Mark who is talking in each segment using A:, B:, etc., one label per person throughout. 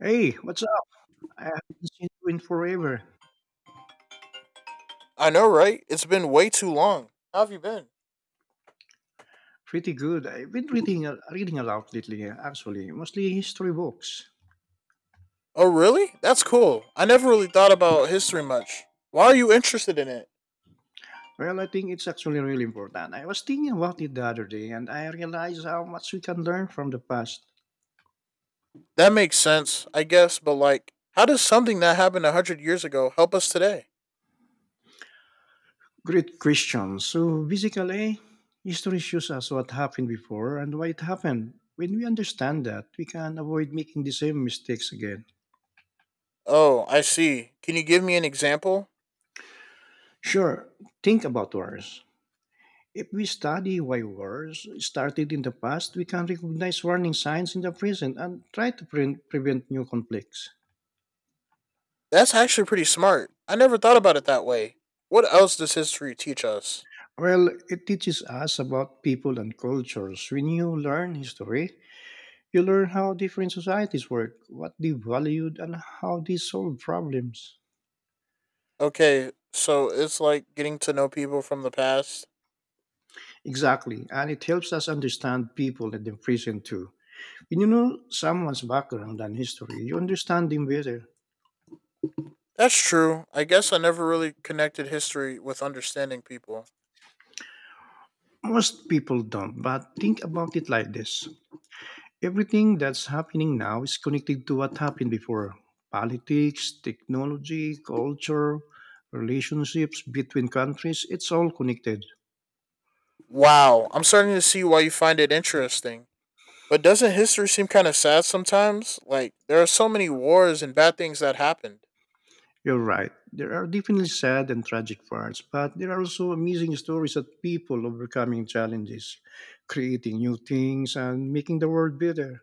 A: Hey, what's up? I haven't seen you in forever.
B: I know, right? It's been way too long. How have you been?
A: Pretty good. I've been reading a lot lately, actually, mostly history books.
B: Oh, really? That's cool. I never really thought about history much. Why are you interested in it?
A: Well, I think it's actually really important. I was thinking about it the other day, and I realized how much we can learn from the past.
B: That makes sense, I guess, but like, how does something that happened 100 years ago help us today?
A: Great question. So basically, history shows us what happened before and why it happened. When we understand that, we can avoid making the same mistakes again.
B: Oh, I see. Can you give me an example?
A: Sure, think about wars. If we study why wars started in the past, we can recognize warning signs in the present and try to prevent new conflicts.
B: That's actually pretty smart. I never thought about it that way. What else does history teach us?
A: Well, it teaches us about people and cultures. When you learn history, you learn how different societies work, what they valued, and how they solve problems.
B: Okay, so it's like getting to know people from the past.
A: Exactly, and it helps us understand people in the present too. When you know someone's background and history, you understand them better.
B: That's true. I guess I never really connected history with understanding people.
A: Most people don't, but think about it like this. Everything that's happening now is connected to what happened before: politics, technology, culture, relationships between countries. It's all connected.
B: Wow, I'm starting to see why you find it interesting. But doesn't history seem kind of sad sometimes? Like, there are so many wars and bad things that happened.
A: You're right. There are definitely sad and tragic parts, but there are also amazing stories of people overcoming challenges, creating new things, and making the world better.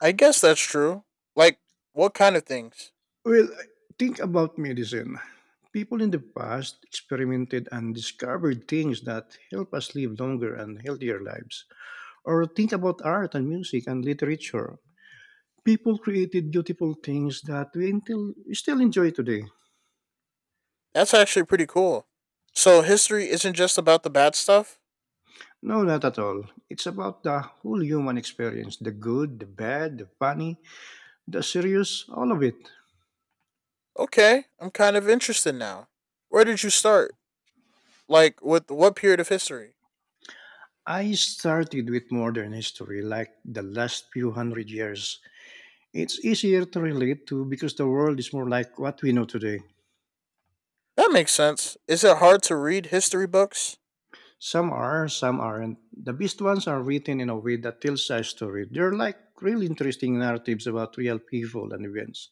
B: I guess that's true. Like, what kind of things?
A: Well, think about medicine. People in the past experimented and discovered things that help us live longer and healthier lives. Or think about art and music and literature. People created beautiful things that we still enjoy today.
B: That's actually pretty cool. So, history isn't just about the bad stuff?
A: No, not at all. It's about the whole human experience: the good, the bad, the funny, the serious, all of it.
B: Okay, I'm kind of interested now. Where did you start? Like, with what period of history?
A: I started with modern history, like the last few hundred years. It's easier to relate to because the world is more like what we know today.
B: That makes sense. Is it hard to read history books?
A: Some are, some aren't. The best ones are written in a way that tells a story. They're like really interesting narratives about real people and events.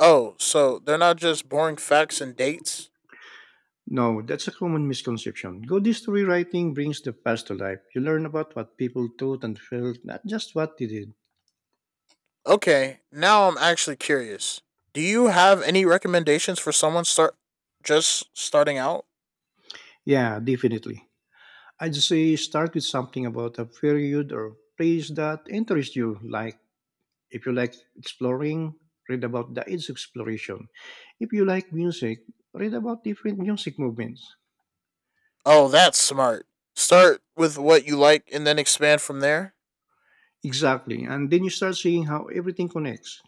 B: Oh, so they're not just boring facts and dates?
A: No, that's a common misconception. Good history writing brings the past to life. You learn about what people thought and felt, not just what they did.
B: Okay, now I'm actually curious. Do you have any recommendations for someone start just starting out?
A: Yeah, definitely. I'd say start with something about a period or place that interests you. Like, if you like exploring, read about the age of exploration. If you like music, read about different music movements.
B: Oh, that's smart. Start with what you like and then expand from there.
A: Exactly. And then you start seeing how everything connects.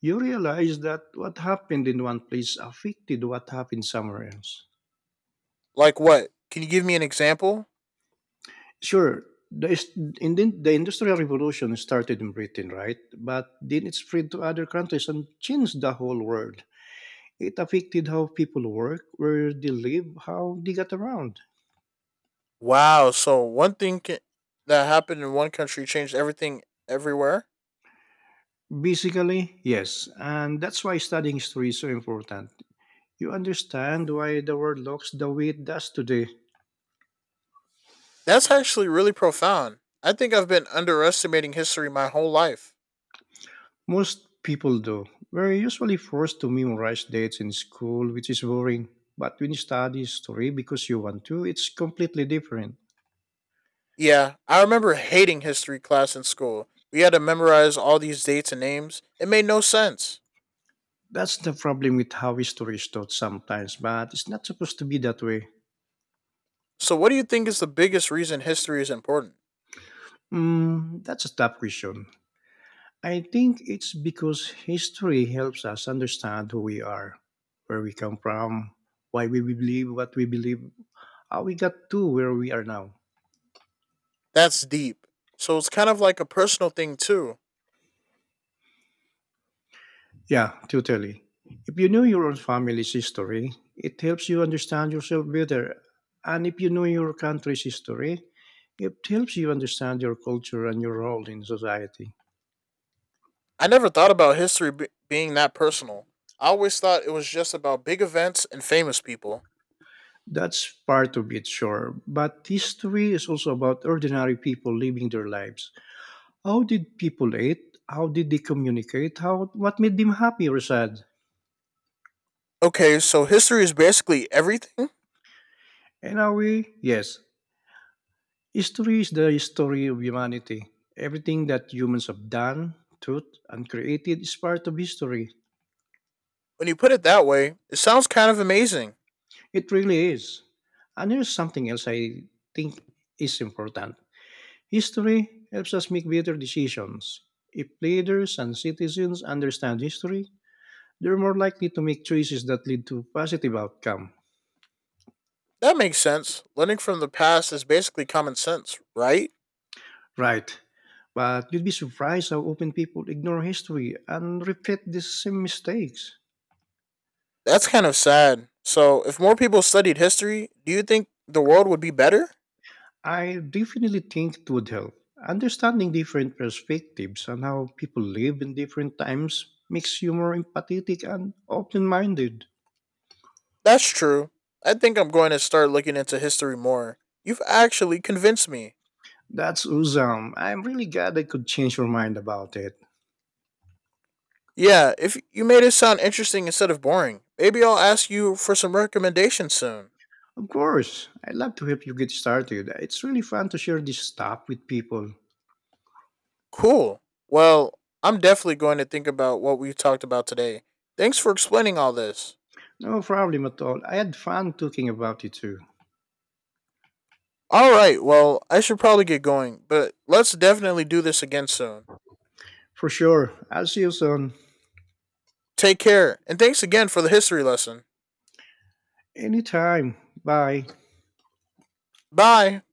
A: You realize that what happened in one place affected what happened somewhere else.
B: Like what? Can you give me an example?
A: Sure, the, is- in the Industrial Revolution started in Britain, right? But then it spread to other countries and changed the whole world. It affected how people work, where they live, how they get around.
B: Wow, so one thing ca that happened in one country changed everything everywhere?
A: Basically, yes. And that's why studying history is so important. You understand why the world looks the way it does today.
B: That's actually really profound. I think I've been underestimating history my whole life.
A: Most people do. We're usually forced to memorize dates in school, which is boring. But when you study history because you want to, it's completely different.
B: Yeah, I remember hating history class in school. We had to memorize all these dates and names. It made no sense.
A: That's the problem with how history is taught sometimes, but it's not supposed to be that way.
B: So, what do you think is the biggest reason history is important?
A: Mm, that's a tough question. I think it's because history helps us understand who we are, where we come from, why we believe what we believe, how we got to where we are now.
B: That's deep. So, it's kind of like a personal thing, too.
A: Yeah, totally. If you know your own family's history, it helps you understand yourself better. And if you know your country's history, it helps you understand your culture and your role in society.
B: I never thought about being that personal. I always thought it was just about big events and famous people.
A: That's part of it, sure. But history is also about ordinary people living their lives. How did people eat? How did they communicate? How, what made them happy or sad?
B: Okay, so history is basically everything?
A: And are we? Yes. History is the story of humanity. Everything that humans have done, thought, and created is part of history.
B: When you put it that way, it sounds kind of amazing.
A: It really is. And here's something else I think is important. History helps us make better decisions. If leaders and citizens understand history, they're more likely to make choices that lead to positive outcome.
B: That makes sense. Learning from the past is basically common sense, right?
A: Right. But you'd be surprised how often people ignore history and repeat the same mistakes.
B: That's kind of sad. So, if more people studied history, do you think the world would be better?
A: I definitely think it would help. Understanding different perspectives and how people live in different times makes you more empathetic and open minded.
B: That's true. I think I'm going to start looking into history more. You've actually convinced me.
A: That's awesome. I'm really glad I could change your mind about it.
B: Yeah, if you made it sound interesting instead of boring, maybe I'll ask you for some recommendations soon.
A: Of course, I'd love to help you get started. It's really fun to share this stuff with people.
B: Cool. Well, I'm definitely going to think about what we talked about today. Thanks for explaining all this.
A: No problem at all. I had fun talking about it too.
B: All right, well, I should probably get going, but let's definitely do this again soon.
A: For sure. I'll see you soon.
B: Take care, and thanks again for the history lesson.
A: Anytime. Bye.
B: Bye.